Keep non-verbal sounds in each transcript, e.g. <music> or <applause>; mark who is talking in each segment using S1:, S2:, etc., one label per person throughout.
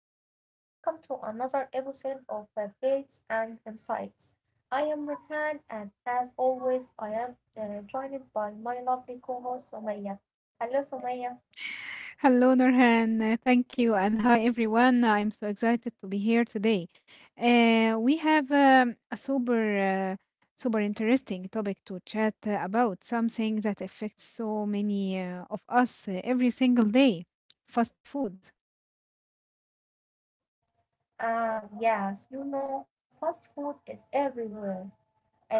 S1: everyone, welcome to another episode of Faiths and Insights. I am Rehan, and as always, I am joined by my lovely co host Somaya. Hello, Somaya.
S2: Hello, Nurhan. Thank you. And hi, everyone. I'm so excited to be here today. We have a super interesting topic to chat about something that affects so many of us every single day, fast food.
S1: Ah, yes, you know, fast food is everywhere.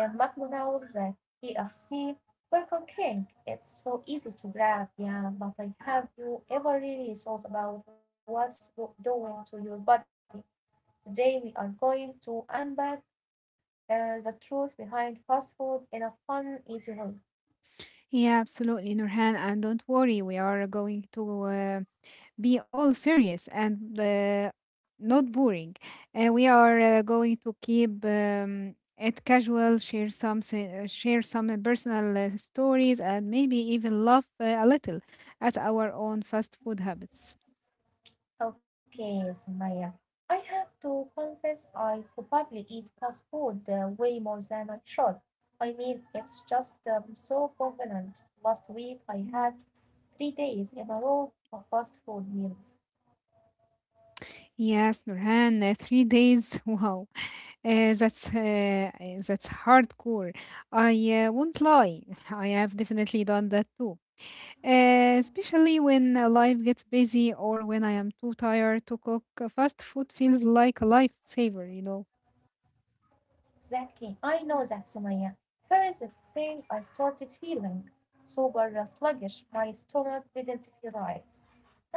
S1: And McDonald's, KFC, Burger King, it's so easy to grab, yeah. But I have you ever really thought about what's doing to your body? Today we are going to unpack the truth behind fast food in a fun, easy way.
S2: Yeah, absolutely, Nurhan. And don't worry, we are going to be all serious and not boring. We are going to keep it casual, share some personal stories, and maybe even laugh a little at our own fast food habits.
S1: Okay, Sumaya, I have to confess I probably eat fast food way more than I should. I mean, it's just so convenient. Last week I had 3 days in a row of fast food meals.
S2: Yes, Nurhan, three days. <laughs> Wow, that's hardcore. I won't lie, <laughs> I have definitely done that too. Especially when life gets busy or when I am too tired to cook, fast food feels like a lifesaver, you know.
S1: Exactly, I know that, Sumaya. First thing I started feeling super sluggish. My stomach didn't feel right.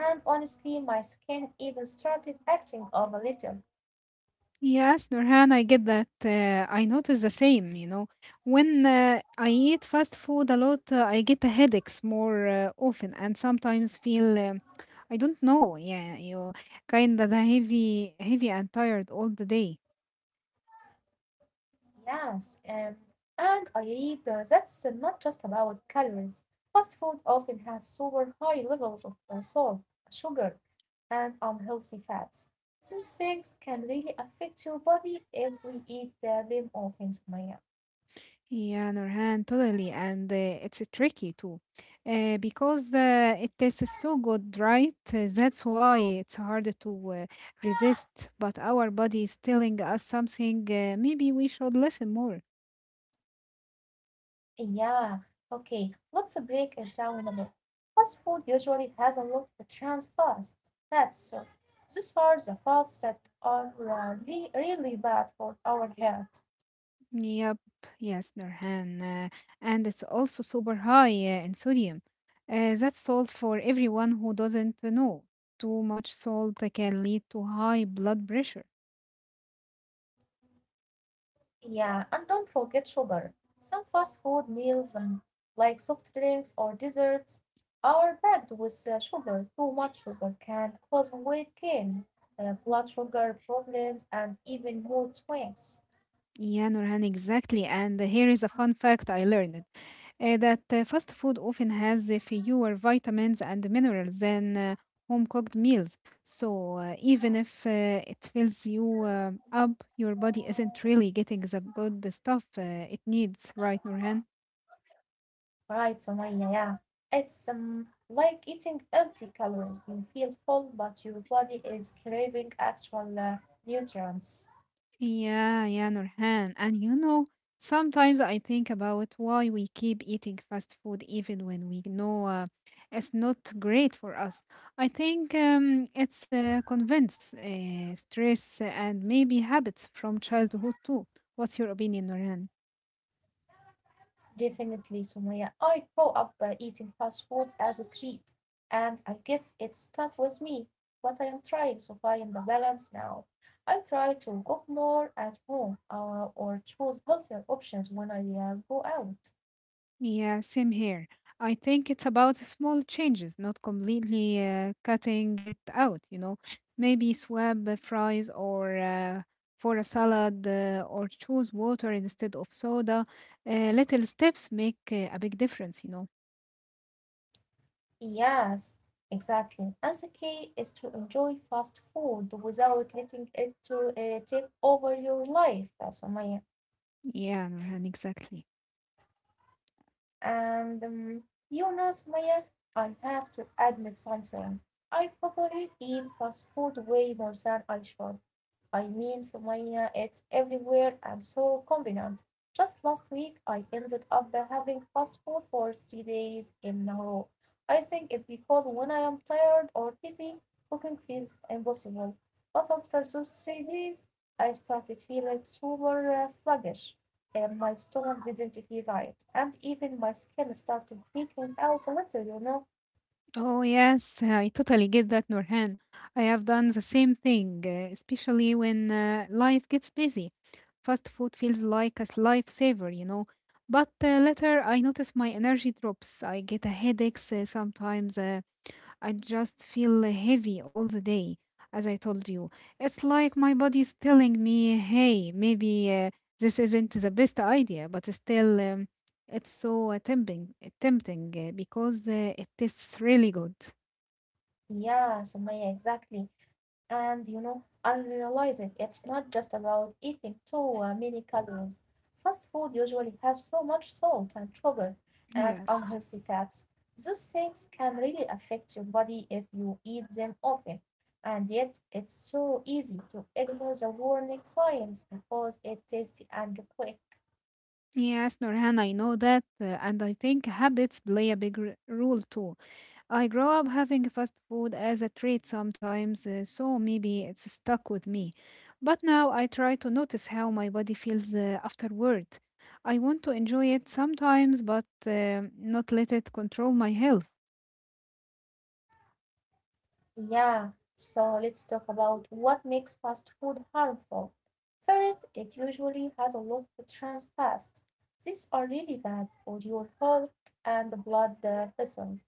S1: And honestly, my skin even started acting up a little.
S2: Yes, Nurhan, I get that. I notice the same, you know. When I eat fast food a lot, I get the headaches more often and sometimes feel, I don't know, yeah, you kind of heavy and tired all the day.
S1: Yes, and I read that's not just about calories. Fast food often has super high levels of salt, sugar, and unhealthy fats. Those things can really affect your body if we eat them often, Sumaya.
S2: Yeah, Nurhan, totally. And it's tricky too, because it tastes so good, right? That's why it's hard to resist, but our body is telling us something. Maybe we should listen more.
S1: Hey, yeah, okay, let's break it down a bit. Fast food usually has a lot of trans fast fats. That's so. Those are the fats that are really bad for our health.
S2: Yep, yes, Nurhan. And it's also super high in sodium. That's salt for everyone who doesn't know. Too much salt can lead to high blood pressure.
S1: Yeah, and don't forget sugar. Some fast food meals, like soft drinks or desserts, are packed with sugar. Too much sugar can cause weight gain, blood sugar problems, and even mood swings.
S2: Yeah, Nurhan, exactly. And here is a fun fact I learned that fast food often has fewer vitamins and minerals than home cooked meals. So even if it fills you up, your body isn't really getting the good stuff it needs, right, Nurhan?
S1: Right, Somaya, yeah. It's like eating empty calories. You feel full, but your body is craving actual nutrients.
S2: Yeah, yeah, Nurhan. And you know, sometimes I think about why we keep eating fast food even when we know it's not great for us. I think it's convince, stress, and maybe habits from childhood too. What's your opinion, Nurhan?
S1: Definitely, Somaya. I grew up eating fast food as a treat, and I guess it stuck with me. But I am trying to find the balance now. I try to cook more at home or choose healthier options when I go out.
S2: Yeah, same here. I think it's about small changes, not completely cutting it out, you know. Maybe swap the fries or for a salad or choose water instead of soda. Little steps make a big difference, you know.
S1: Yes, exactly. And the key is to enjoy fast food without letting it to take over your life, Sumaya.
S2: Yeah, Nurhan, exactly.
S1: And you know, Sumaya, I have to admit something. I probably eat fast food way more than I should. I mean, Sumaya, it's everywhere and so convenient. Just last week, I ended up having fast food for 3 days in a row. I think it's because when I am tired or busy, cooking feels impossible. But after those 3 days, I started feeling super sluggish and my stomach didn't feel right, and even my skin started peeling out a little, you know.
S2: Oh, yes, I totally get that, Nurhan. I have done the same thing, especially when life gets busy. Fast food feels like a lifesaver, you know. But later, I notice my energy drops. I get a headaches sometimes. I just feel heavy all the day, as I told you. It's like my body's telling me, "Hey, maybe this isn't the best idea," but still, it's so tempting because it tastes really good.
S1: Yeah, Sumaya, exactly. And you know, I realized it. It's not just about eating too many calories. Fast food usually has so much salt and sugar and
S2: Yes.
S1: unhealthy fats. Those things can really affect your body if you eat them often. And yet, it's so easy to ignore the warning signs because it's tasty and quick.
S2: Yes, Norhan, I know that, and I think habits play a big role too. I grow up having fast food as a treat sometimes, so maybe it's stuck with me. But now I try to notice how my body feels afterward. I want to enjoy it sometimes, but not let it control my health.
S1: Yeah, so let's talk about what makes fast food harmful. First, it usually has a lot of trans fats. These are really bad for your heart and the blood vessels.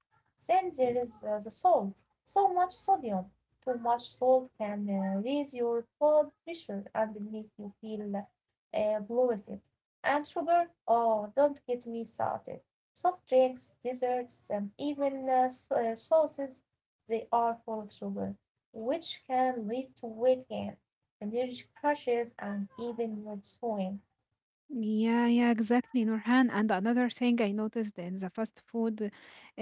S1: Then there is the salt, so much sodium. Too much salt can raise your blood pressure and make you feel bloated. And sugar, oh, don't get me started. Soft drinks, desserts, and even sauces they are full of sugar, which can lead to weight gain, allergic crashes, and even mood swing.
S2: Yeah, yeah, exactly, Nurhan. And another thing I noticed in the fast food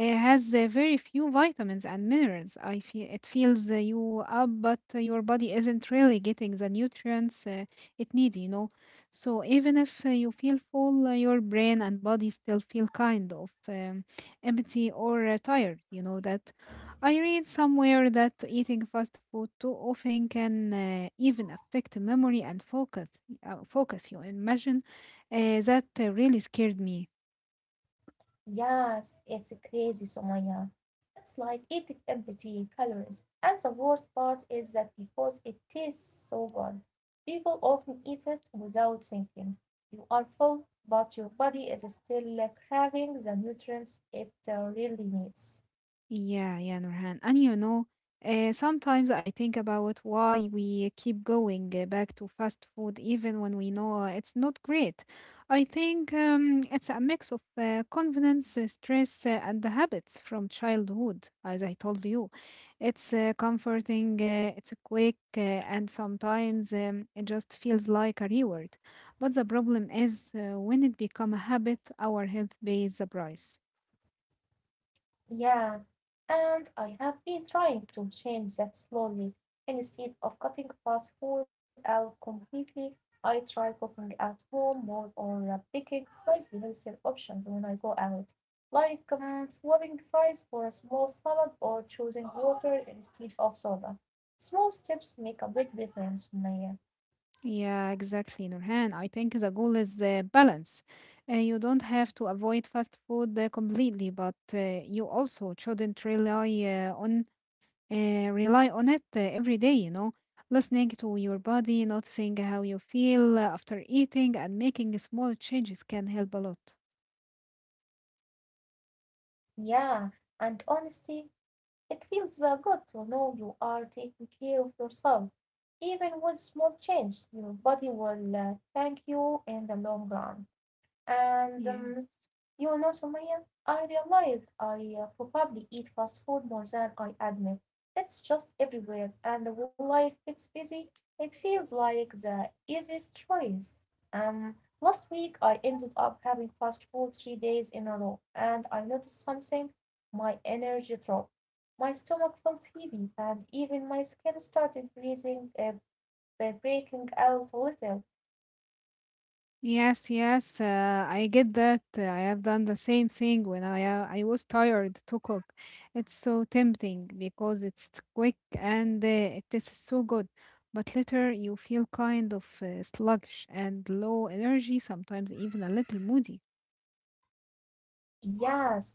S2: has very few vitamins and minerals. I feel it fills you up, but your body isn't really getting the nutrients it needs, you know. So even if you feel full, your brain and body still feel kind of empty or tired. You know that. I read somewhere that eating fast food too often can even affect memory and focus. Focus, you imagine that really scared me.
S1: Yes, it's crazy, Somaya. It's like eating empty calories. And the worst part is that because it tastes so good, people often eat it without thinking. You are full, but your body is still craving the nutrients it really needs.
S2: Yeah, yeah, Nurhan. And you know, sometimes I think about why we keep going back to fast food even when we know it's not great. I think it's a mix of confidence, stress, and the habits from childhood, as I told you. It's comforting, it's quick, and sometimes it just feels like a reward. But the problem is when it becomes a habit, our health pays the price.
S1: Yeah, and I have been trying to change that slowly. Instead of cutting fast food out completely, I try cooking at home more or picking slightly healthier options when I go out, like swapping fries for a small salad or choosing water instead of soda. Small steps make a big difference, Maya.
S2: Yeah, exactly, Nurhan. I think the goal is balance. You don't have to avoid fast food completely, but you also shouldn't rely on it every day, you know. Listening to your body, noticing how you feel after eating, and making small changes can help a lot.
S1: Yeah, and honestly, it feels good to know you are taking care of yourself. Even with small changes, your body will thank you in the long run. And
S2: Yes.
S1: you know, Sumaya, I realized I probably eat fast food more than I admit. It's just everywhere, and when life gets busy, it feels like the easiest choice. Um, Last week I ended up having fast food 3 days in a row, and I noticed something. My energy dropped. My stomach felt heavy, and even my skin started breaking out a little.
S2: Yes, yes, I get that. I have done the same thing when I was tired to cook. It's so tempting because it's quick and it tastes so good. But later you feel kind of sluggish and low energy, sometimes even a little moody.
S1: Yes,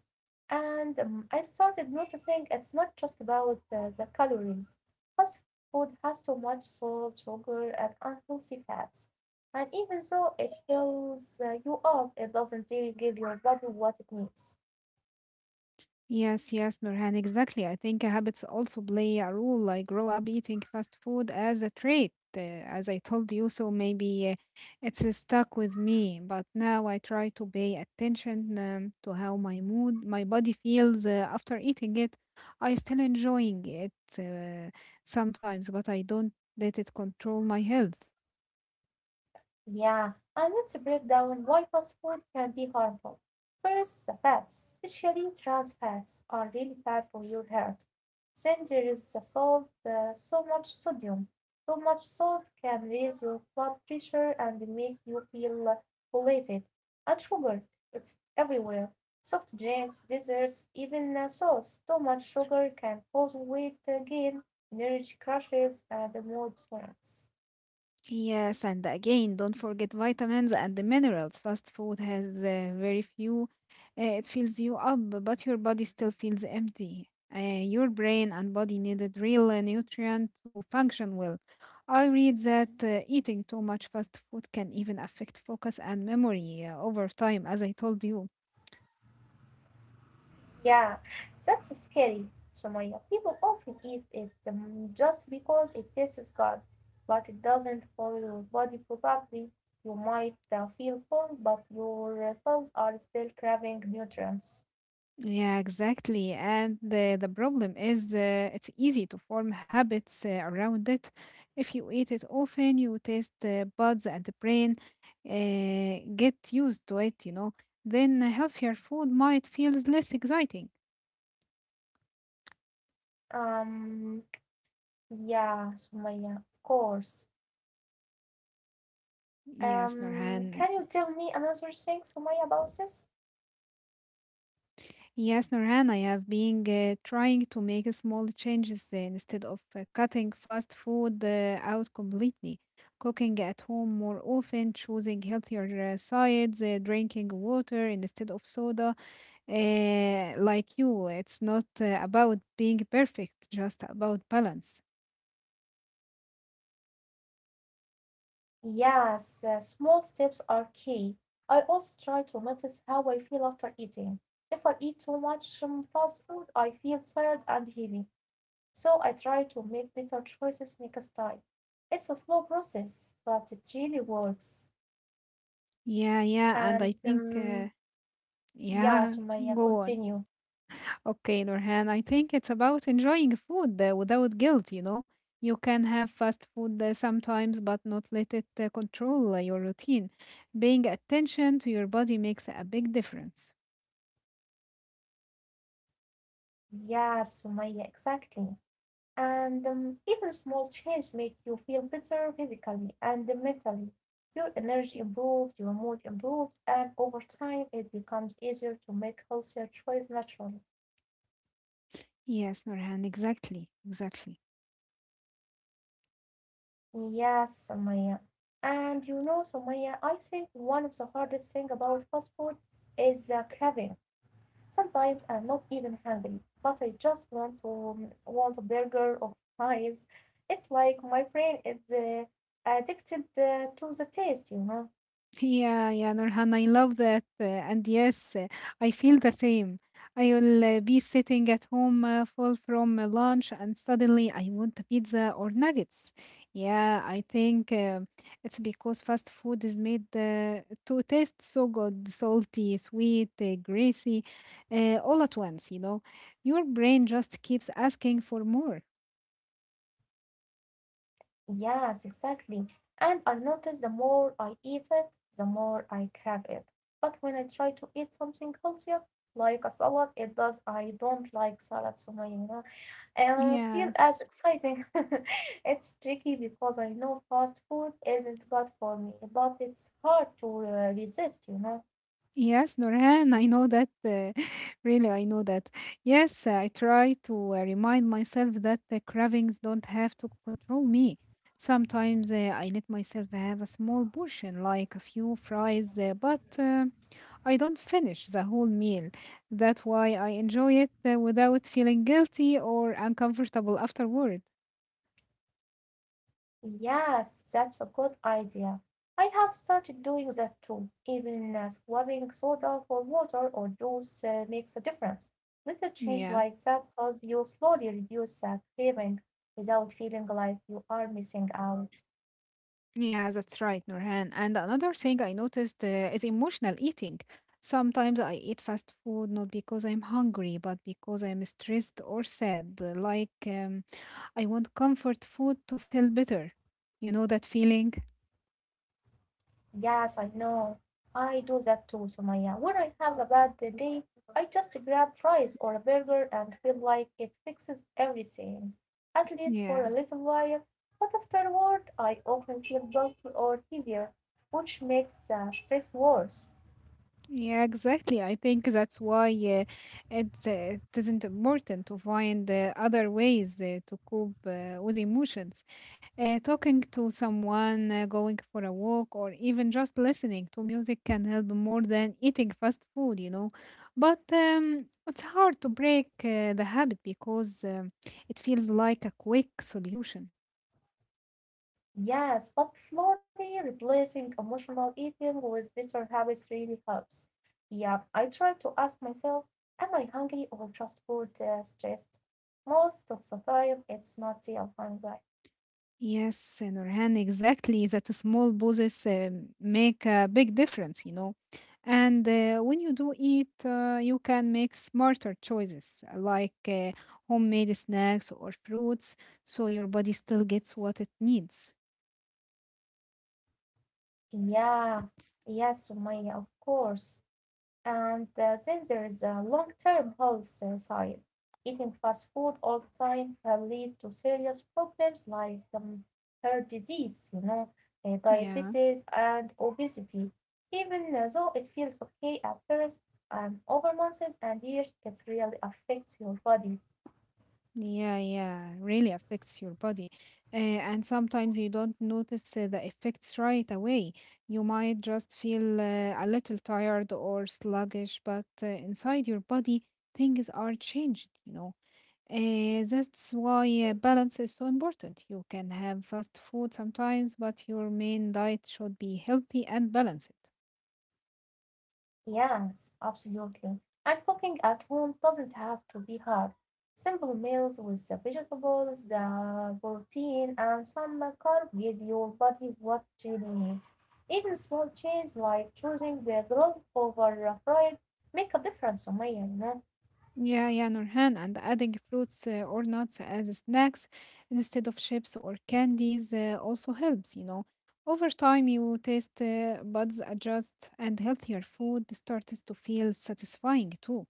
S1: and I started noticing it's not just about the calories. Fast food has too much salt, sugar, and unhealthy fats. And even though it fills you up, it doesn't really give your body what it needs.
S2: Yes, yes, Nurhan, exactly. I think habits also play a role. I grow up eating fast food as a trait, as I told you, so maybe it's stuck with me. But now I try to pay attention to how my mood, my body feels after eating it. I still enjoying it uh, sometimes, but I don't let it control my health.
S1: Yeah, and let's break down why fast food can be harmful. First, the fats, especially trans fats, are really bad for your health. Then there is the salt, so much sodium. Too much salt can raise your blood pressure and make you feel bloated. And sugar, it's everywhere. Soft drinks, desserts, even sauce. Too much sugar can cause weight gain, energy crashes, and mood swings.
S2: Yes, and again, don't forget vitamins and the minerals. Fast food has very few. It fills you up, but your body still feels empty. Your brain and body needed real nutrient to function well. I read that eating too much fast food can even affect focus and memory over time, as I told you.
S1: Yeah, that's scary, Sumaya. People often eat it just because it tastes good, but it doesn't for your body properly. You might feel full, but your cells are still craving nutrients.
S2: Yeah, exactly. And the problem is it's easy to form habits around it. If you eat it often, you taste the buds and the brain get used to it, you know. Then healthier food might feel less exciting.
S1: Um, yeah, Sumaya, of course.
S2: Yes, Norhan,
S1: Can you tell me another thing, Sumaya, about this?
S2: yes, Nurhan, I have been trying to make small changes instead of cutting fast food out completely. Cooking at home more often, choosing healthier sides, drinking water instead of soda. Like you, it's not about being perfect, just about balance.
S1: Yes, small steps are key. I also try to notice how I feel after eating. If I eat too much fast food, I feel tired and heavy, so I try to make better choices next time. It's a slow process, but it really works.
S2: Yeah, yeah, and
S1: And
S2: I think, uh,
S1: yeah,
S2: yeah, <laughs>
S1: Sumaya,
S2: go on.
S1: continue.
S2: Okay, Nurhan, I think it's about enjoying food without guilt, you know. You can have fast food sometimes, but not let it control your routine. Paying attention to your body makes a big difference.
S1: Yeah, Sumaya, exactly. And even small change make you feel better physically and mentally. Your energy improves, your mood improves, and over time it becomes easier to make healthier choices naturally.
S2: Yes, Nurhan, exactly, exactly.
S1: Yes, Sumaya. And you know, Sumaya, I think one of the hardest things about fast food is craving. Sometimes I'm not even hungry, but I just want a burger or fries. It's like my brain is addicted to the taste, you know.
S2: Yeah, yeah, Nurhan, I love that. And yes, I feel the same. I will be sitting at home full from lunch and suddenly I want a pizza or nuggets. Yeah, I think it's because fast food is made to taste so good, salty, sweet, greasy, all at once, you know. Your brain just keeps asking for more.
S1: Yes, exactly. And I notice the more I eat it, the more I crave it. But when I try to eat something healthier, like a salad, it does. I don't like salad so much, you know. I feel as
S2: Yes.
S1: exciting. <laughs> It's tricky because I know fast food isn't good for me, but it's hard to resist, you know.
S2: Yes, Nurhan, I know that. <laughs> Really, I know that. Yes, I try to remind myself that the cravings don't have to control me. Sometimes I let myself have a small portion, like a few fries, but I don't finish the whole meal. That's why I enjoy it without feeling guilty or uncomfortable afterward.
S1: Yes, that's a good idea. I have started doing that too. Even swapping soda for water or juice makes a difference. Little change
S2: Yeah.
S1: like that help you slowly reduce that craving without feeling like you are missing out.
S2: Yeah, that's right, Nurhan. And another thing I noticed is emotional eating. Sometimes I eat fast food not because I'm hungry, but because I'm stressed or sad. Like I want comfort food to feel better. You know that feeling?
S1: Yes, I know. I do that too, Sumaya. When I have a bad day, I just grab fries or a burger and feel like it fixes everything, at least for
S2: Yeah.
S1: a little while. But afterward, I often feel guilty or heavier, which makes the stress worse.
S2: Yeah, exactly. I think that's why it's, uh, it isn't important to find other ways to cope with emotions. Talking to someone, going for a walk, or even just listening to music can help more than eating fast food, you know. But it's hard to break the habit because it feels like a quick solution.
S1: Yes, but slowly replacing emotional eating with better habits really helps. Yeah, I try to ask myself, am I hungry or just food stressed? Most of the time, it's not real hunger.
S2: Yes, Nurhan, exactly. That small pauses make a big difference, you know. And when you do eat, you can make smarter choices like homemade snacks or fruits, so your body still gets what it needs.
S1: Yeah, yes, Sumaya, of course. And then there is a long-term health side. Eating fast food all the time can lead to serious problems like heart disease, you know,
S2: Yeah.
S1: diabetes and obesity. Even though it feels okay at first, over months and years, it really affects your body.
S2: Yeah, yeah, really affects your body. And sometimes you don't notice the effects right away. You might just feel a little tired or sluggish, but inside your body, things are changed, you know. That's why balance is so important. You can have fast food sometimes, but your main diet should be healthy and balanced.
S1: Yes, absolutely. And cooking at home doesn't have to be hard. Simple meals with the vegetables, the protein, and some carb give your body what it needs. Even small changes like choosing the grilled over fried make a difference, Sumaya, you know?
S2: Yeah, yeah, Nurhan, and adding fruits or nuts as snacks instead of chips or candies also helps, you know. Over time, your taste buds adjust, and healthier food starts to feel satisfying too.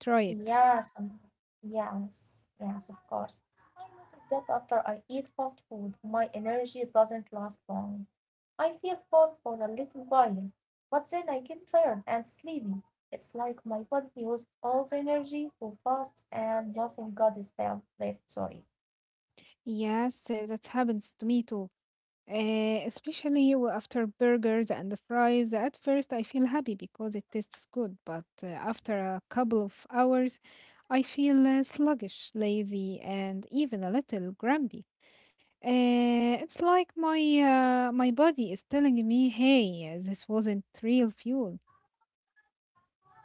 S2: Try it.
S1: Yes, um, yes, of course. Found that after I eat fast food my energy doesn't last long. I feel full for a little while, but then I get tired and sleepy. It's like my body used all the energy for fast and nothing got is left. Sorry.
S2: Yes, that happens to me too. Especially after burgers and fries. At first, I feel happy because it tastes good, but after a couple of hours, I feel sluggish, lazy, and even a little grumpy. It's like my body is telling me, "Hey, this wasn't real fuel."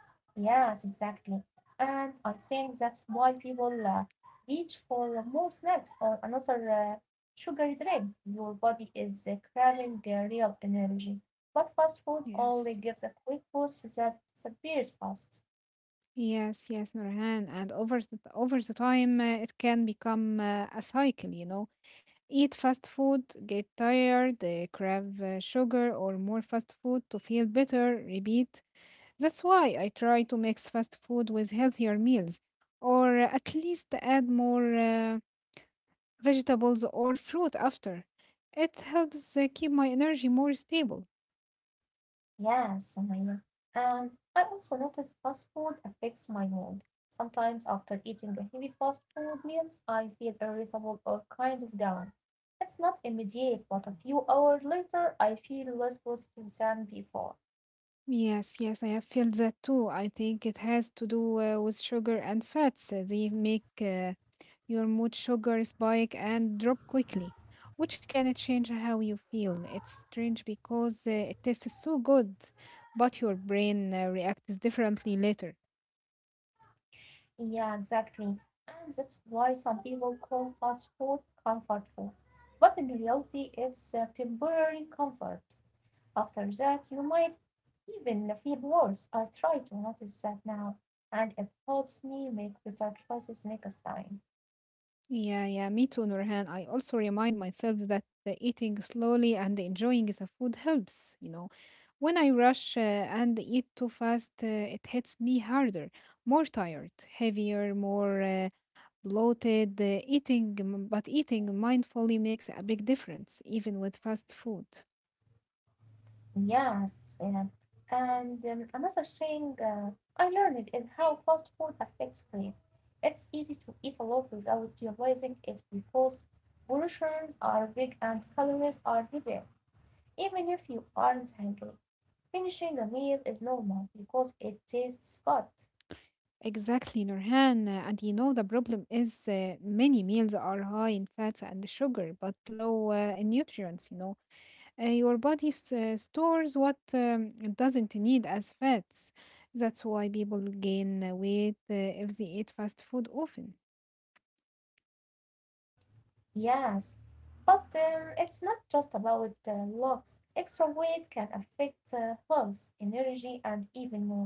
S1: Yes, exactly. And I think that's why people reach for more snacks or another sugary drink. Your body is craving real energy. But fast food only gives
S2: Yes.
S1: a quick boost that disappears fast.
S2: Yes, yes, Nurhan. And over the time, it can become a cycle, you know. Eat fast food, get tired, crave sugar or more fast food to feel better, repeat. That's why I try to mix fast food with healthier meals or at least add more vegetables or fruit after. It helps keep my energy more stable.
S1: Yeah, Sumaya. And I also notice fast food affects my mood. Sometimes after eating a heavy fast food meals, I feel irritable or kind of down. It's not immediate, but a few hours later, I feel less positive than before.
S2: Yes, yes, I have felt that too. I think it has to do with sugar and fats. They make your mood sugar spike and drop quickly, which can change how you feel. It's strange because it tastes so good, but your brain reacts differently later.
S1: Yeah, exactly. And that's why some people call fast food comfort food. But in reality, it's a temporary comfort. After that, you might even feel worse. I try to notice that now, and it helps me make better choices next time.
S2: Yeah, yeah, me too, Nurhan. I also remind myself that eating slowly and enjoying the food helps. You know, when I rush and eat too fast, it hits me harder, more tired, heavier, more bloated, but eating mindfully makes a big difference, even with fast food.
S1: Yes, yeah. And Another thing, I learned is how fast food affects brain. It's easy to eat a lot without realizing it because portions are big and calories are hidden, even if you aren't hungry. Finishing a meal is normal because it tastes good.
S2: Exactly, Nurhan. And you know, the problem is many meals are high in fats and sugar, but low in nutrients, you know. Your body stores what it doesn't need as fats. That's why people gain weight if they eat fast food often.
S1: Yes, but it's not just about looks. Extra weight can affect health, energy, and even mood.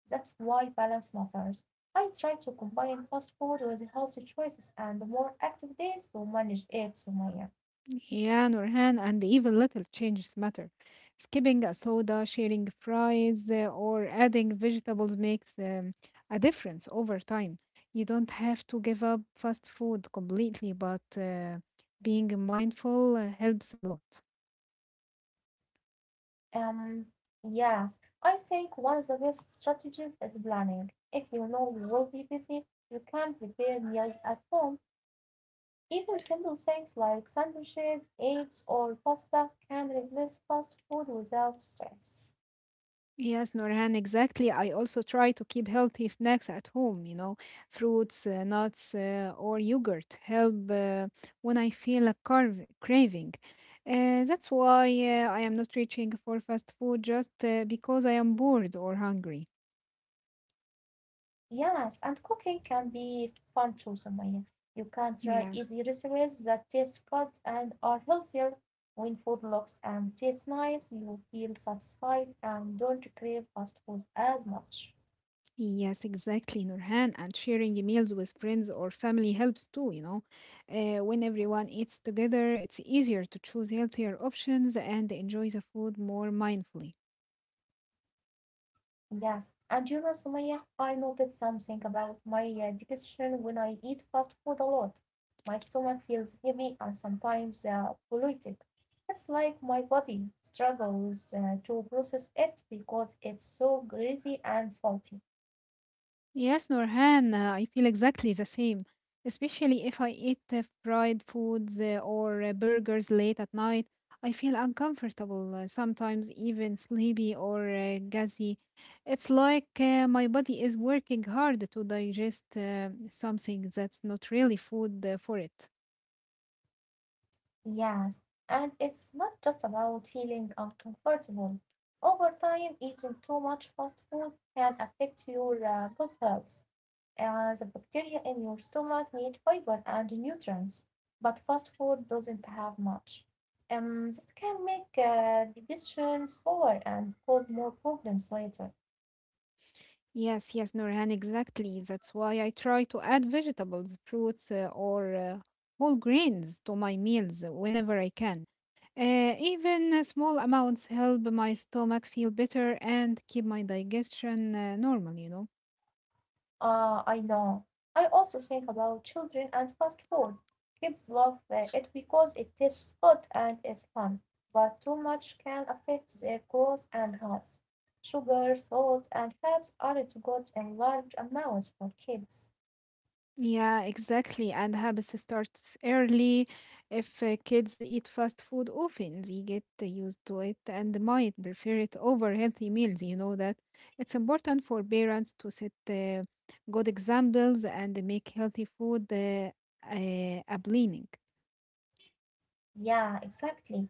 S1: That's why balance matters. I try to combine fast food with healthy choices and more active days to manage it, Sumaya.
S2: Yeah, Nurhan, and even little changes matter. Skipping a soda, sharing fries, or adding vegetables makes a difference over time. You don't have to give up fast food completely, but being mindful helps a lot.
S1: Um, yes, I think one of the best strategies is planning. If you know you will be busy, you can prepare meals at home. Even simple things like sandwiches, eggs, or pasta can replace fast food without stress.
S2: Yes, Norhan, exactly. I also try to keep healthy snacks at home, you know, fruits, nuts, or yogurt help when I feel a craving. That's why I am not reaching for fast food just because I am bored or hungry.
S1: Yes, and cooking can be fun too, Sumaya. You can try easy
S2: Yes.
S1: recipes that taste good and are healthier. When food looks and tastes nice, you feel satisfied and don't crave fast food as much.
S2: Yes, exactly, Nurhan. And sharing the meals with friends or family helps too, you know. When everyone
S1: Yes.
S2: eats together, it's easier to choose healthier options and enjoy the food more mindfully.
S1: Yes, and you know, Sumaya, I noticed something about my digestion when I eat fast food a lot. My stomach feels heavy and sometimes bloated. It's like my body struggles to process it because it's so greasy and salty.
S2: Yes, Nurhan, I feel exactly the same, especially if I eat fried foods or burgers late at night. I feel uncomfortable, sometimes even sleepy or gassy. It's like my body is working hard to digest something that's not really food for it.
S1: Yes, and it's not just about feeling uncomfortable. Over time, eating too much fast food can affect your gut health. The bacteria in your stomach need fiber and nutrients, but fast food doesn't have much. That can make digestion slower and cause more problems later.
S2: Yes, yes, Nurhan, exactly. That's why I try to add vegetables, fruits, or whole grains to my meals whenever I can. Even small amounts help my stomach feel better and keep my digestion normal, you know.
S1: Ah, I know. I also think about children and fast food. Kids love it because it tastes good and is fun, but too much can affect their growth and health. Sugar, salt, and fats aren't good in large amounts for kids.
S2: Yeah, exactly. And habits starts early. If kids eat fast food often, they get used to it and might prefer it over healthy meals. You know that it's important for parents to set good examples and make healthy food appealing.
S1: Yeah, exactly.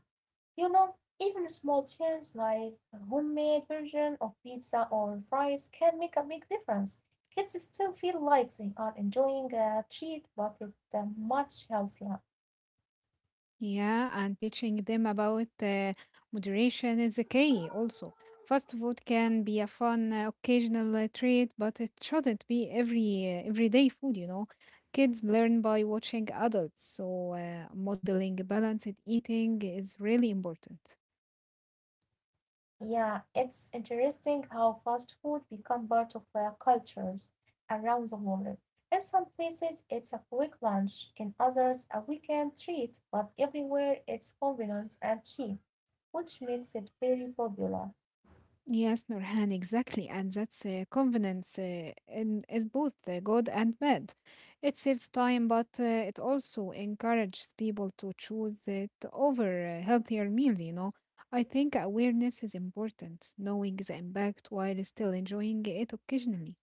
S1: You know, even small changes like a homemade version of pizza or fries can make a big difference. Kids still feel like they are enjoying a treat, but it's much healthier.
S2: Yeah, and teaching them about moderation is a key also. Fast food can be a fun occasional treat, but it shouldn't be every everyday food, you know. Kids learn by watching adults, so modeling balanced eating is really important.
S1: Yeah, it's interesting how fast food become part of cultures around the world. In some places, it's a quick lunch, in others, a weekend treat, but everywhere it's convenient and cheap, which makes it very popular.
S2: Yes, Nurhan, exactly. And that's confidence is both good and bad. It saves time, but it also encourages people to choose it over a healthier meal, you know. I think awareness is important, knowing the impact while still enjoying it occasionally.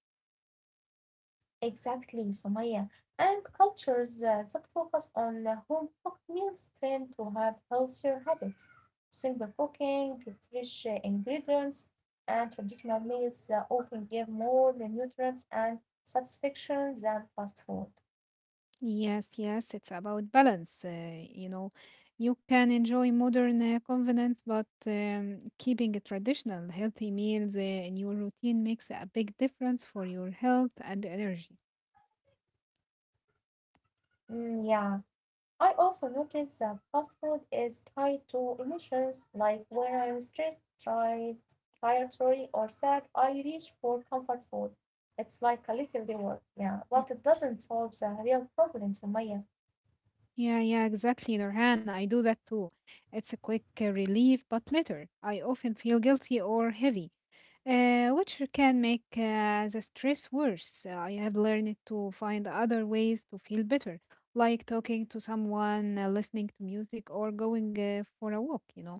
S1: Exactly, Sumaya. And cultures that focus on home cooked meals tend to have healthier habits. Simple cooking, fresh ingredients, and traditional meals often give more nutrients and satisfaction than fast food.
S2: Yes, yes, it's about balance. You know, you can enjoy modern convenience, but keeping a traditional healthy meals in your routine makes a big difference for your health and energy.
S1: Mm, yeah. I also noticed that fast food is tied to emotions, like when I'm stressed, tired, sorry, or sad, I reach for comfort food. It's like a little reward, yeah, but it doesn't solve the real problem, Sumaya.
S2: Yeah, yeah, exactly, Nurhan. I do that too. It's a quick relief, but later I often feel guilty or heavy, which can make the stress worse. I have learned to find other ways to feel better, like talking to someone, listening to music, or going for a walk, you know.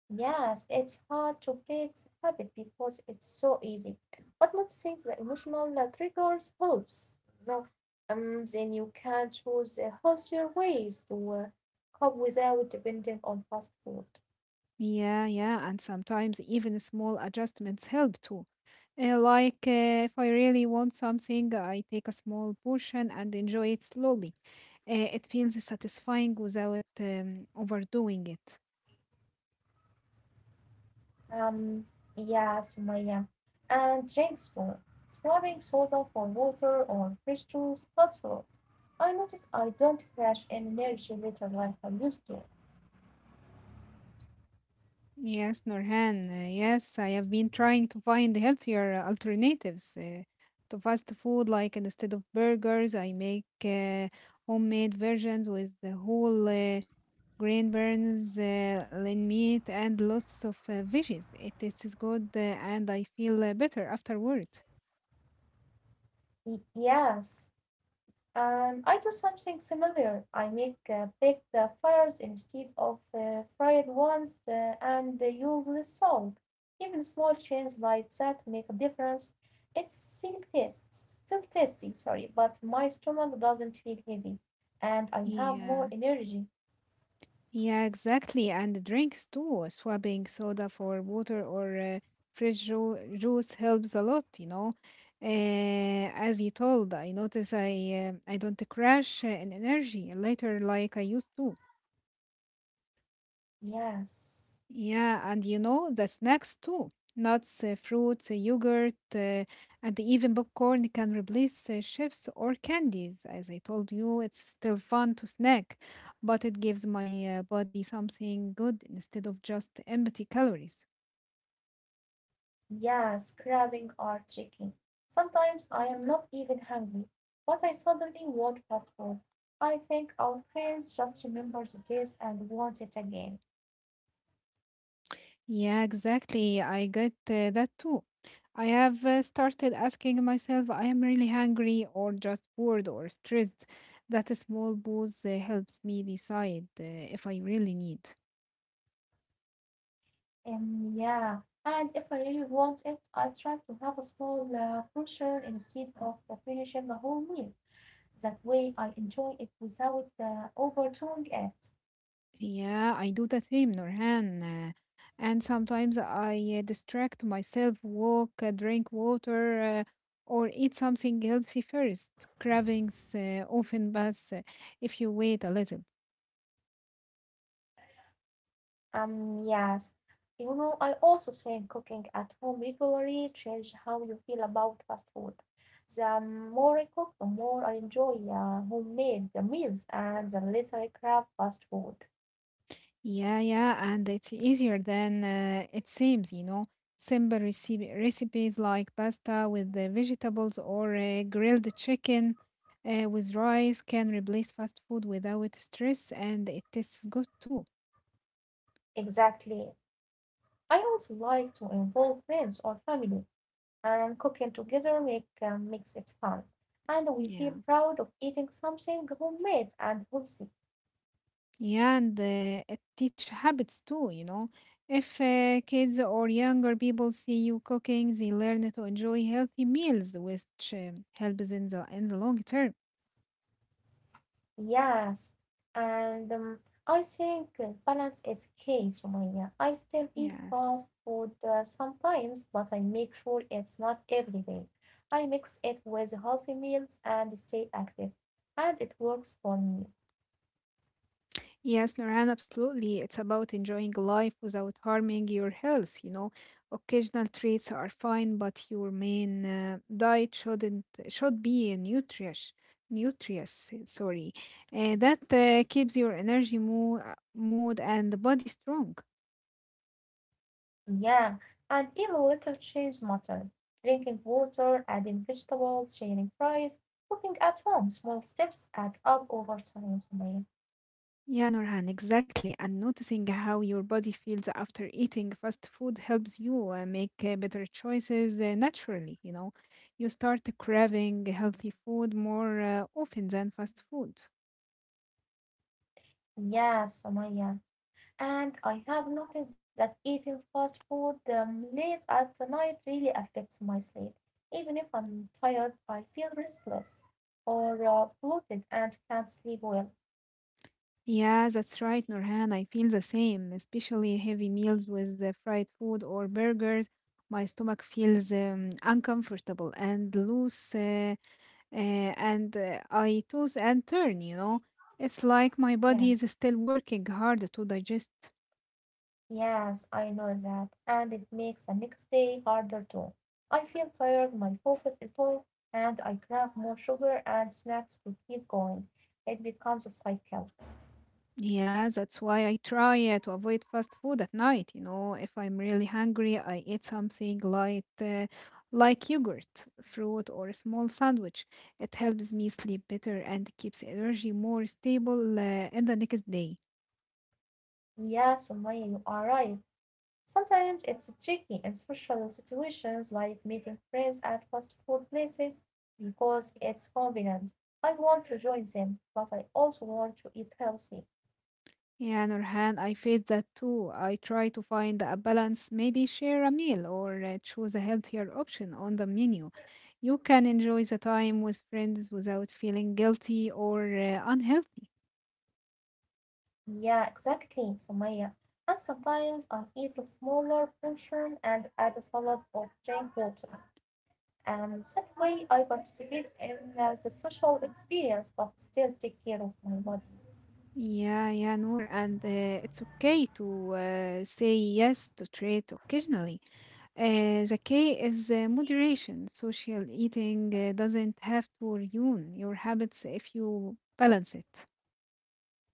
S1: Yes, it's hard to break the habit because it's so easy, but noticing the emotional triggers helps. No, then you can choose healthier ways to cope without depending on fast food.
S2: Yeah, yeah, and sometimes even small adjustments help too. Like if I really want something, I take a small portion and enjoy it slowly. It feels satisfying without overdoing it.
S1: Um, yeah, Sumaya. And drink spoon. Swapping soda for water or fresh juice helps a lot. I notice I don't crash in energy later like I used to.
S2: Yes, Norhan. Yes, I have been trying to find healthier alternatives to fast food. Like instead of burgers, I make homemade versions with the whole green burns, lean meat, and lots of veggies. It tastes good and I feel better afterward.
S1: Yes. And I do something similar. I make baked fires instead of fried ones and use less salt. Even small changes like that make a difference. It's still tasty, sorry, but my stomach doesn't feel heavy and I have more
S2: Yeah.
S1: energy.
S2: Yeah, exactly. And the drinks too. Swapping soda for water or fresh juice helps a lot, you know. As you told, I notice I don't crash in energy later like I used to.
S1: Yes.
S2: Yeah, and you know, the snacks too. Nuts, fruits, yogurt, and even popcorn can replace chips or candies. As I told you, it's still fun to snack, but it gives my body something good instead of just empty calories.
S1: Yes, grabbing or tricking. Sometimes I am not even hungry, but I suddenly want fast food. I think our brains just remember the taste and want it again.
S2: Yeah, exactly. I get that too. I have started asking myself, I am really hungry or just bored or stressed. That small pause helps me decide if I really need.
S1: And yeah, and if I really want it, I try to have a small portion instead of finishing the whole meal. That way, I enjoy it without overdoing it.
S2: Yeah, I do the same, Nurhan. And sometimes I distract myself, walk, drink water, or eat something healthy first. Cravings often pass if you wait a little.
S1: Yes. You know, I also think cooking at home regularly changes how you feel about fast food. The more I cook, the more I enjoy homemade the meals and the less I crave fast food.
S2: Yeah, yeah, and it's easier than it seems, you know. Simple recipes like pasta with the vegetables or grilled chicken with rice can replace fast food without stress, and it tastes good too.
S1: Exactly. I also like to involve friends or family, and cooking together makes it fun. And we feel
S2: Yeah.
S1: proud of eating something homemade and healthy.
S2: Yeah, and it teach habits too, you know. If kids or younger people see you cooking, they learn to enjoy healthy meals, which helps in the long term.
S1: Yes, and I think balance is key, Sumaya. I still eat fast
S2: Yes.
S1: food sometimes, but I make sure it's not every day. I mix it with healthy meals and stay active, and it works for me.
S2: Yes, Nurhan, absolutely. It's about enjoying life without harming your health, you know. Occasional treats are fine, but your main diet shouldn't should be nutritious. Nutritious, sorry. That keeps your energy, mood, and body strong.
S1: Yeah, and even little changes matter. Drinking water, adding vegetables, sharing fries, cooking at home, small steps add up over time, Sumaya.
S2: Yeah, Nurhan, exactly. And noticing how your body feels after eating fast food helps you make better choices naturally. You know, you start craving healthy food more often than fast food.
S1: Yeah, Sumaya. And I have noticed that eating fast food late at night really affects my sleep. Even if I'm tired, I feel restless or bloated and can't sleep well.
S2: Yeah, that's right, Nurhan. I feel the same, especially heavy meals with the fried food or burgers. My stomach feels uncomfortable and loose. And I toss and turn, you know. It's like my body is
S1: Yeah,
S2: still working hard to digest.
S1: yes, I know that. And it makes the next day harder too. I feel tired, my focus is low, and I crave more sugar and snacks to keep going. It becomes a cycle.
S2: Yeah, that's why I try to avoid fast food at night, you know. If I'm really hungry, I eat something light, like yogurt, fruit, or a small sandwich. It helps me sleep better and keeps energy more stable in the next day.
S1: Yeah, Sumaya, you are right. Sometimes it's tricky in social situations like meeting friends at fast food places because it's convenient. I want to join them, but I also want to eat healthy.
S2: Yeah, Nurhan, I face that too. I try to find a balance, maybe share a meal or choose a healthier option on the menu. You can enjoy the time with friends without feeling guilty or unhealthy.
S1: Yeah, exactly, Sumaya. And sometimes I eat a smaller portion and add a salad or drink water. And that way I participate in the social experience but still take care of my body.
S2: Yeah, yeah, Noor, and it's okay to say yes to treat occasionally. The key is moderation. Social eating doesn't have to ruin your habits if you balance it.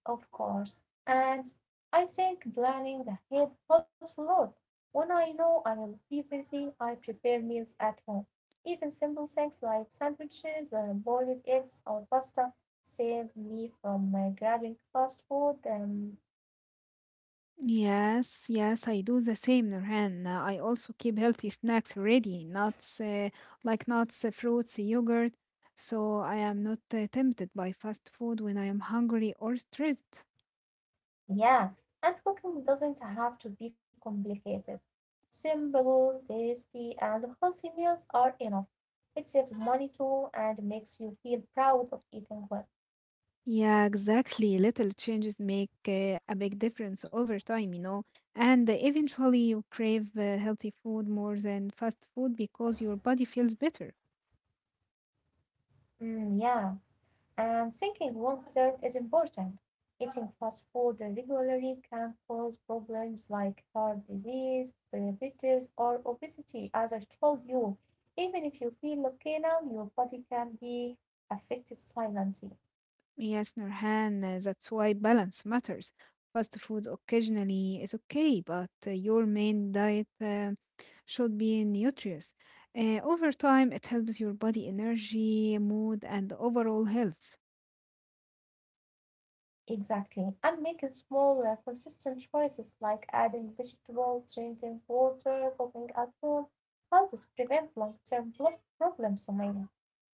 S1: Of course, and I think planning ahead helps a lot. When I know I'll be busy, I prepare meals at home. Even simple things like sandwiches, boiled eggs, or pasta save me from grabbing fast food.
S2: Yes, yes, I do the same, Nurhan. I also keep healthy snacks ready, nuts, fruits, yogurt, so I am not tempted by fast food when I am hungry or stressed.
S1: Yeah, and cooking doesn't have to be complicated. Simple, tasty, and healthy meals are enough. It saves money too and makes you feel proud of eating well.
S2: Yeah, exactly. Little changes make a big difference over time, you know. And eventually, you crave healthy food more than fast food because your body feels better.
S1: Mm, yeah. I'm thinking one third is important. Eating fast food regularly can cause problems like heart disease, diabetes, or obesity, as I told you. Even if you feel okay now, your body can be affected silently.
S2: Yes, Nurhan, that's why balance matters. Fast food occasionally is okay, but your main diet should be nutritious. Over time, it helps your body energy, mood, and overall health.
S1: Exactly. And making small, consistent choices like adding vegetables, drinking water, cooking at home helps prevent long term problems, Sumaya.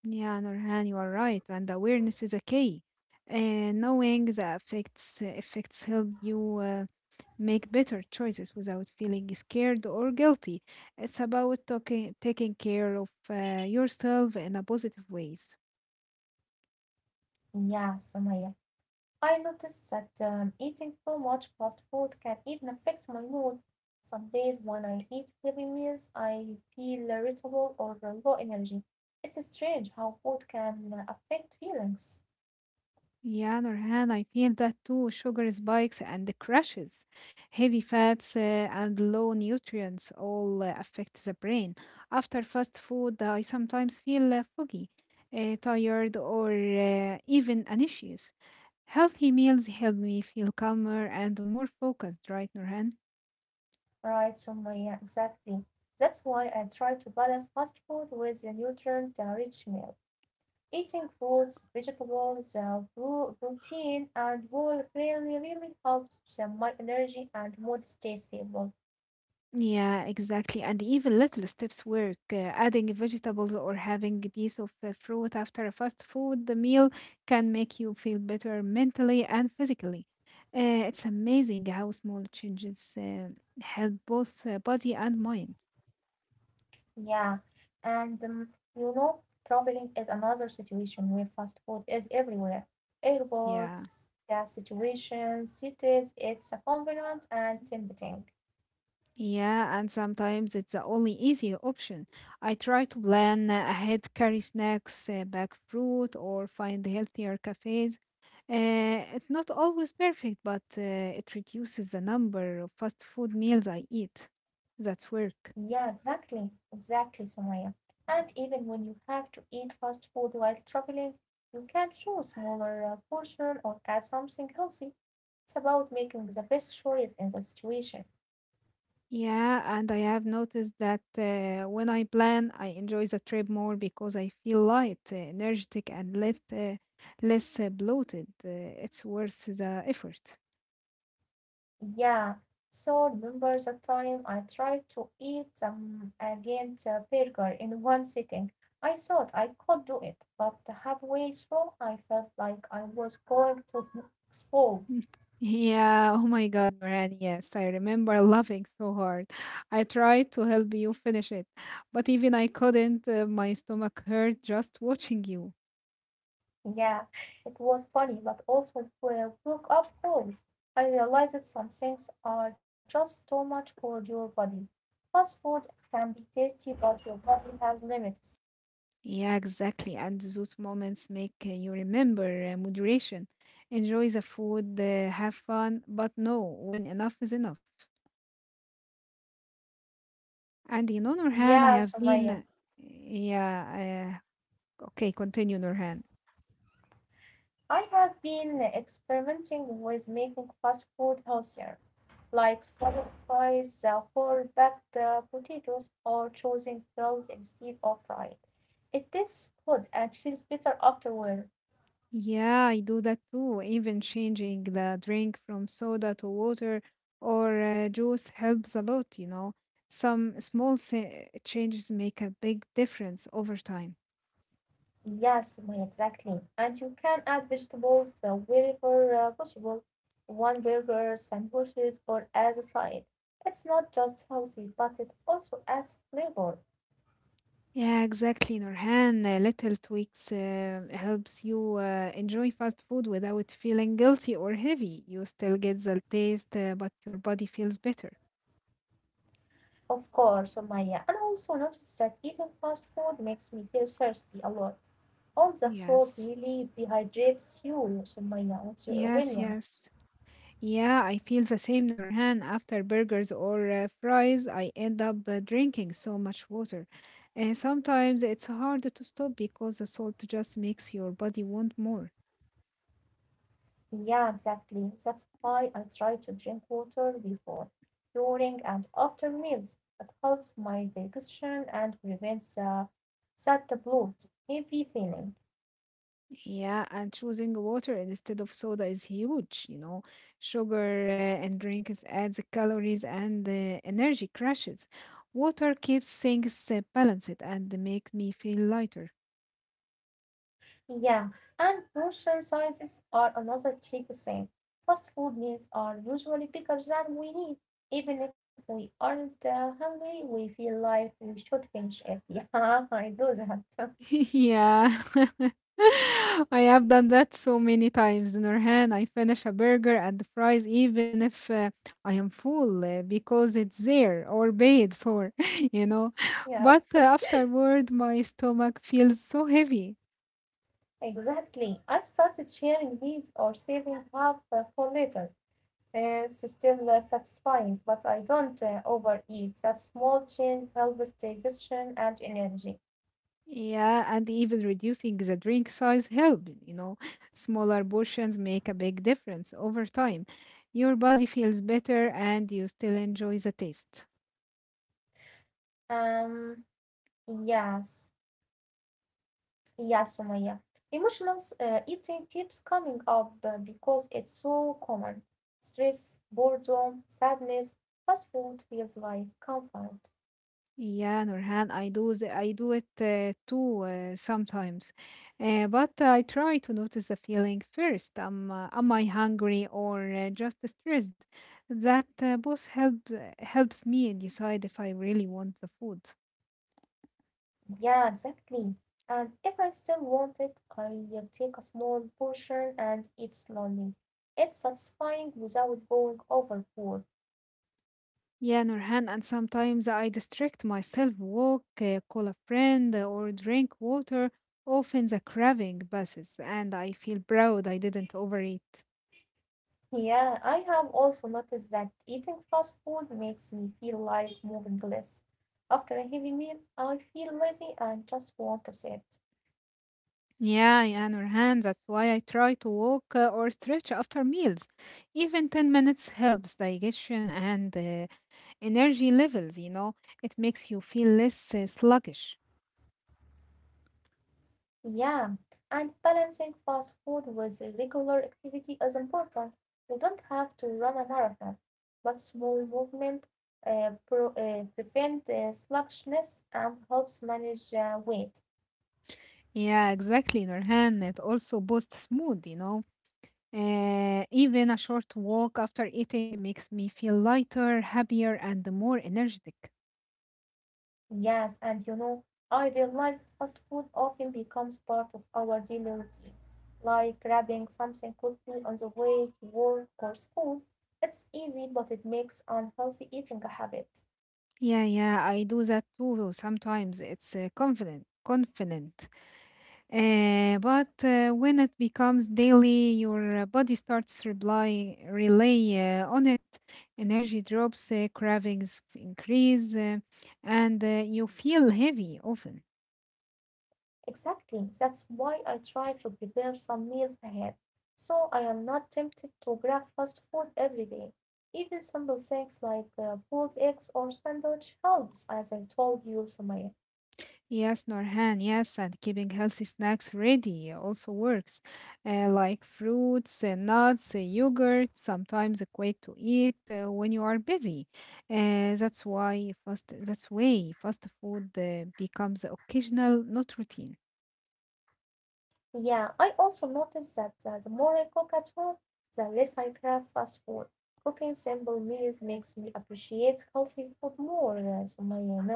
S2: Yeah, Nurhan, you are right, and awareness is a key. Knowing the effects help you make better choices without feeling scared or guilty. It's about talking, taking care of yourself in a positive ways.
S1: Yeah, Sumaya. I noticed that eating too much fast food can even affect my mood. Some days when I eat heavy meals, I feel irritable or low energy. It's strange how food can affect feelings.
S2: Yeah, Nurhan, I feel that too. Sugar spikes and the crashes, heavy fats and low nutrients all affect the brain. After fast food, I sometimes feel foggy, tired, or even anxious. Healthy meals help me feel calmer and more focused, right, Nurhan?
S1: Right, Sumaya, exactly. That's why I try to balance fast food with a nutrient-rich meal. Eating fruits, vegetables, protein, and whole really, really helps my energy and mood stay stable.
S2: Yeah, exactly. And even little steps work. Adding vegetables or having a piece of fruit after a fast food meal can make you feel better mentally and physically. Uh, it's amazing how small changes help both body and mind.
S1: Yeah, and you know, traveling is another situation where fast food is everywhere.
S2: Yeah.
S1: Airports, gas situations, cities, it's a convenient and tempting.
S2: Yeah, and sometimes it's the only easy option. I try to plan ahead, carry snacks, back fruit, or find healthier cafes. It's not always perfect, but it reduces the number of fast food meals I eat. That's work.
S1: Yeah, exactly, exactly, Sumaya. And even when you have to eat fast food while traveling, you can choose smaller portion or add something healthy. It's about making the best choice in the situation.
S2: Yeah, and I have noticed that when I plan, I enjoy the trip more because I feel light, energetic, and less bloated. It's worth the effort. <laughs>
S1: Yeah, so remember the time I tried to eat a Ghent burger in one sitting? I thought I could do it, but halfway through I felt like I was going to <laughs> explode.
S2: Mm. Yeah, oh my God, Noran, yes, I remember laughing so hard. I tried to help you finish it, but even I couldn't. My stomach hurt just watching you.
S1: Yeah, it was funny, but also woke up cold. I realized that some things are just too much for your body. Fast food can be tasty, but your body has limits.
S2: Yeah, exactly. And those moments make you remember moderation. Enjoy the food, have fun, but know when enough is enough. And you know, Nurhan, I
S1: Yeah,
S2: have been. uh,
S1: Sumaya.
S2: Yeah, okay, continue, Nurhan.
S1: I have been experimenting with making fast food healthier, like swapping fries for baked potatoes or choosing grilled instead of fried. It tastes good and feels better afterward.
S2: Yeah, I do that too. Even changing the drink from soda to water or juice helps a lot, you know. Some changes make a big difference over time.
S1: Yes, Sumaya, exactly. And you can add vegetables wherever possible, one burger, sandwiches, or as a side. It's not just healthy, but it also adds flavor.
S2: Yeah, exactly, Nurhan. Little tweaks helps you enjoy fast food without feeling guilty or heavy. You still get the taste, but your body feels better.
S1: Of course, Maya, and also notice that eating fast food makes me feel thirsty a lot. All that salt
S2: Yes.
S1: really dehydrates you, so Maya, what's your
S2: Yes,
S1: opinion?
S2: yes. Yeah, I feel the same, Nurhan. After burgers or fries, I end up drinking so much water. And sometimes it's hard to stop because the salt just makes your body want more.
S1: Yeah, exactly. That's why I try to drink water before, during, and after meals. It helps my digestion and prevents that bloated, heavy feeling.
S2: Yeah, and choosing water instead of soda is huge, you know. Sugar and drinks adds calories and energy crashes. Water keeps things balanced and make me feel lighter.
S1: Yeah, and portion sizes are another tricky thing. Fast food meals are usually bigger than we need. Even if we aren't hungry, we feel like we should finish it. <laughs> Yeah, I do that. <laughs>
S2: <laughs> Yeah. <laughs> I have done that so many times, Nurhan. I finish a burger and the fries even if I am full because it's there or paid for, <laughs> you know.
S1: Yes,
S2: But afterward, my stomach feels so heavy.
S1: <laughs> exactly. I started sharing meals or saving half for later. It's still satisfying, but I don't overeat. That small change helps digestion and energy.
S2: Yeah, and even reducing the drink size helps, you know. Smaller portions make a big difference over time. Your body feels better and you still enjoy the taste.
S1: Um, yes. Yeah, Sumaya. Emotional eating keeps coming up because it's so common. Stress, boredom, sadness, fast food feels like comfort.
S2: Yeah, Nurhan, I do it too sometimes, but I try to notice the feeling first. Am I hungry or just stressed? That both help helps me decide if I really want the food.
S1: Yeah, exactly. And if I still want it, I will take a small portion and eat slowly. It's satisfying without going overboard.
S2: Yeah, Nurhan, and sometimes I distract myself, walk, call a friend, or drink water. Often the craving passes, and I feel proud I didn't overeat.
S1: Yeah, I have also noticed that eating fast food makes me feel like moving less. After a heavy meal, I feel lazy and just want to sit.
S2: Yeah, yeah, Nurhan, that's why I try to walk or stretch after meals. Even 10 minutes helps digestion and energy levels, you know. It makes you feel less sluggish.
S1: Yeah, and balancing fast food with regular activity is important. You don't have to run a marathon, but small movement prevent sluggishness and helps manage weight.
S2: Yeah, exactly, Nurhan. It also boosts mood, you know. Even a short walk after eating makes me feel lighter, happier, and more energetic.
S1: Yes, and you know, I realize fast food often becomes part of our daily routine, like grabbing something quickly on the way to work or school. It's easy, but it makes unhealthy eating a habit.
S2: Yeah, yeah, I do that too sometimes. It's confident, confident. But when it becomes daily, your body starts rely on it. Energy drops, cravings increase, and you feel heavy often.
S1: Exactly. That's why I try to prepare some meals ahead, so I am not tempted to grab fast food every day. Even simple things like boiled eggs or sandwich helps, as I told you, Sumaya.
S2: Yes, Norhan, yes, and keeping healthy snacks ready also works, like fruits, nuts, yogurt, sometimes quick to eat when you are busy. That's why fast food becomes occasional, not routine.
S1: Yeah, I also noticed that the more I cook at home, the less I crave fast food. Cooking simple meals makes me appreciate healthy food more, Sumaya, you know.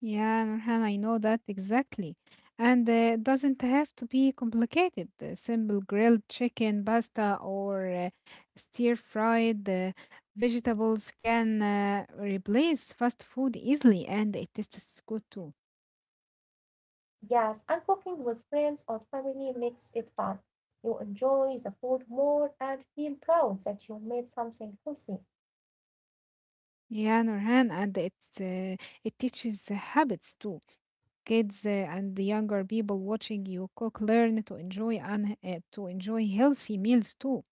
S2: Yeah, Nurhan, I know that exactly. And it doesn't have to be complicated. Simple grilled chicken, pasta, or stir fried vegetables can replace fast food easily, and it tastes good too.
S1: Yes, and cooking with friends or family makes it fun. You enjoy the food more and feel proud that you made something healthy.
S2: Yeah, Nurhan, and it's it teaches habits too. Kids and the younger people watching you cook learn to enjoy and to enjoy healthy meals too.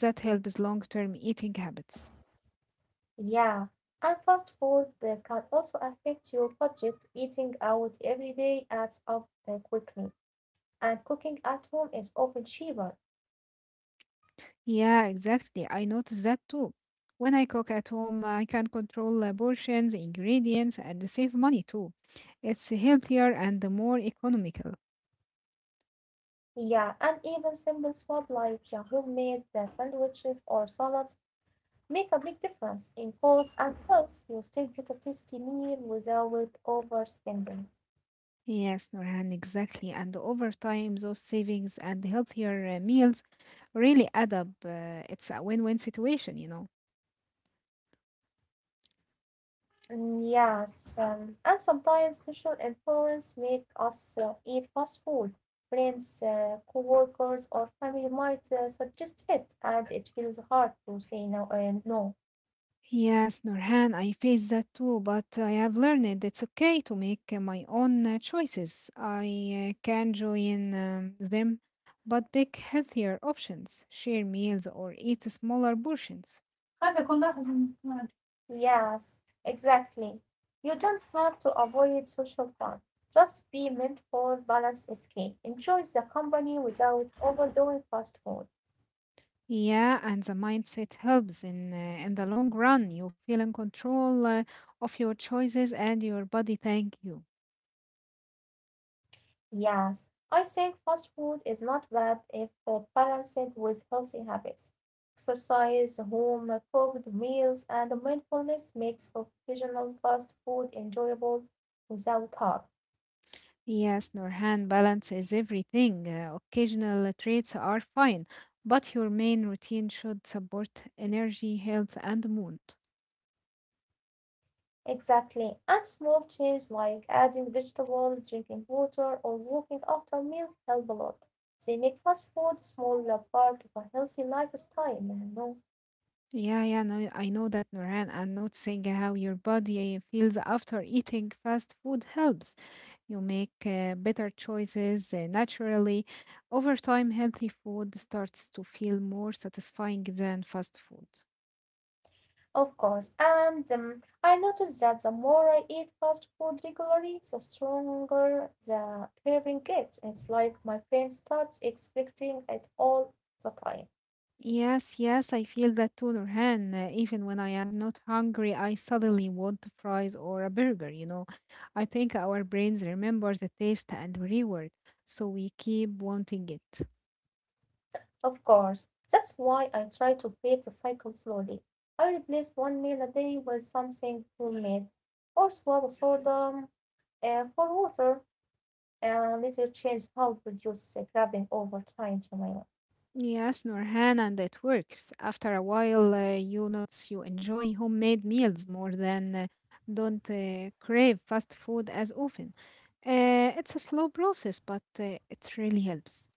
S2: That helps long-term eating habits.
S1: Yeah, and fast food can also affect your budget. Eating out every day adds up quickly, and cooking at home is often cheaper.
S2: Yeah, exactly. I notice that too. When I cook at home, I can control the portions, ingredients, and save money too. It's healthier and more economical.
S1: Yeah, and even simple swap like homemade sandwiches or salads make a big difference in cost and health. You still get a tasty meal without overspending.
S2: Yes, Norhan, exactly. And over time, those savings and healthier meals really add up. It's a win-win situation, you know.
S1: Mm, yes, and sometimes social influence make us eat fast food. Friends, co-workers, or family might suggest it, and it feels hard to say no and no.
S2: Yes, Nurhan, I face that too, but I have learned it's okay to make my own choices. I can join them, but pick healthier options, share meals, or eat smaller portions.
S1: قلبي يكون لاحظ من- الوعد. Yes, exactly. You don't have to avoid social fun. Just be mindful, balance is key. Enjoy the company without overdoing fast food.
S2: Yeah, and the mindset helps in the long run. You feel in control of your choices, and your body thank you.
S1: Yes, I think fast food is not bad if balanced with healthy habits. Exercise, home cooked meals, and mindfulness makes occasional fast food enjoyable without harm.
S2: Yes, Norhan, balance is everything. Occasional traits are fine, but your main routine should support energy, health, and mood.
S1: Exactly. And small changes like adding vegetables, drinking water, or walking after meals help a lot. They make fast food a small part of a healthy lifestyle, you know.
S2: Yeah, yeah, no, I know that, Norhan, and noticing how your body feels after eating fast food helps. You make better choices naturally. Over time, healthy food starts to feel more satisfying than fast food.
S1: Of course, and I noticed that the more I eat fast food regularly, the stronger the craving gets. It's like my brain starts expecting it all the time.
S2: Yes, yes, I feel that too, Nurhan. Even when I am not hungry, I suddenly want fries or a burger, you know. I think our brains remember the taste and reward, so we keep wanting it.
S1: Of course, that's why I try to break the cycle slowly. I replace one meal a day with something homemade, or swallow soda for water, and later change how to reduce the craving over time, Jamila.
S2: Yes, Nurhan, and it works. After a while, you notice you enjoy homemade meals more than don't crave fast food as often. It's a slow process, but it really helps.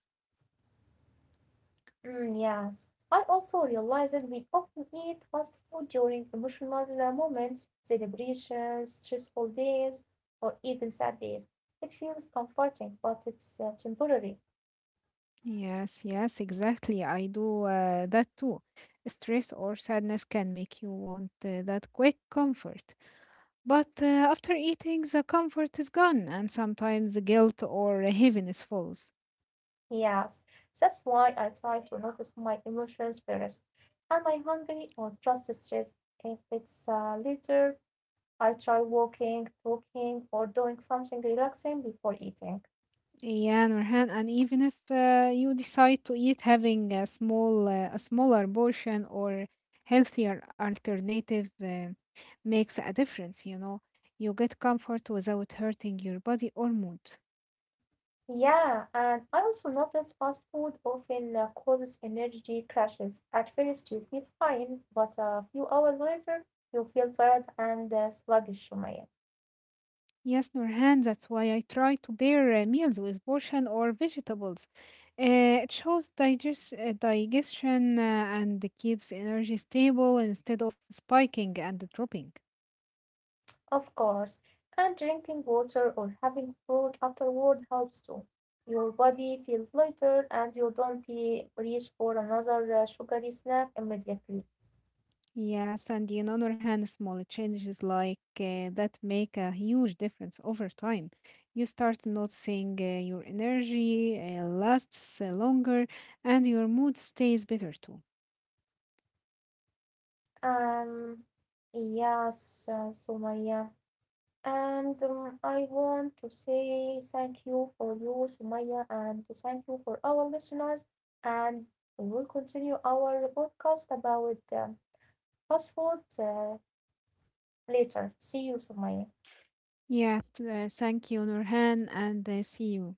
S1: Mm, yes, I also realize that we often eat fast food during emotional moments, celebrations, stressful days, or even sad days. It feels comforting, but it's temporary.
S2: Yes, yes, exactly. I do that too. Stress or sadness can make you want that quick comfort. But after eating, the comfort is gone, and sometimes the guilt or heaviness follows.
S1: Yes, that's why I try to notice my emotions first. Am I hungry or just stressed? If it's later, I try walking, talking, or doing something relaxing before eating.
S2: Yeah, Nurhan, and even if you decide to eat having a smaller portion or healthier alternative makes a difference, you know. You get comfort without hurting your body or mood.
S1: Yeah, and I also notice fast food often causes energy crashes. At first, you feel fine, but a few hours later, you feel tired and sluggish, Shumaya.
S2: Yes, Nurhan, that's why I try to pair meals with portion or vegetables. It shows digestion and keeps energy stable instead of spiking and dropping.
S1: Of course, and drinking water or having fruit afterward helps too. Your body feels lighter and you don't eh, reach for another sugary snack immediately.
S2: Yes, and you know, Nurhan, small changes like that make a huge difference over time. You start noticing your energy lasts longer and your mood stays better too.
S1: Um, yes, Sumaya. And I want to say thank you for you, Sumaya, and thank you for our listeners. And we will continue our podcast about fast food later. See you, Sumaya.
S2: Thank you, Nurhan, and see you.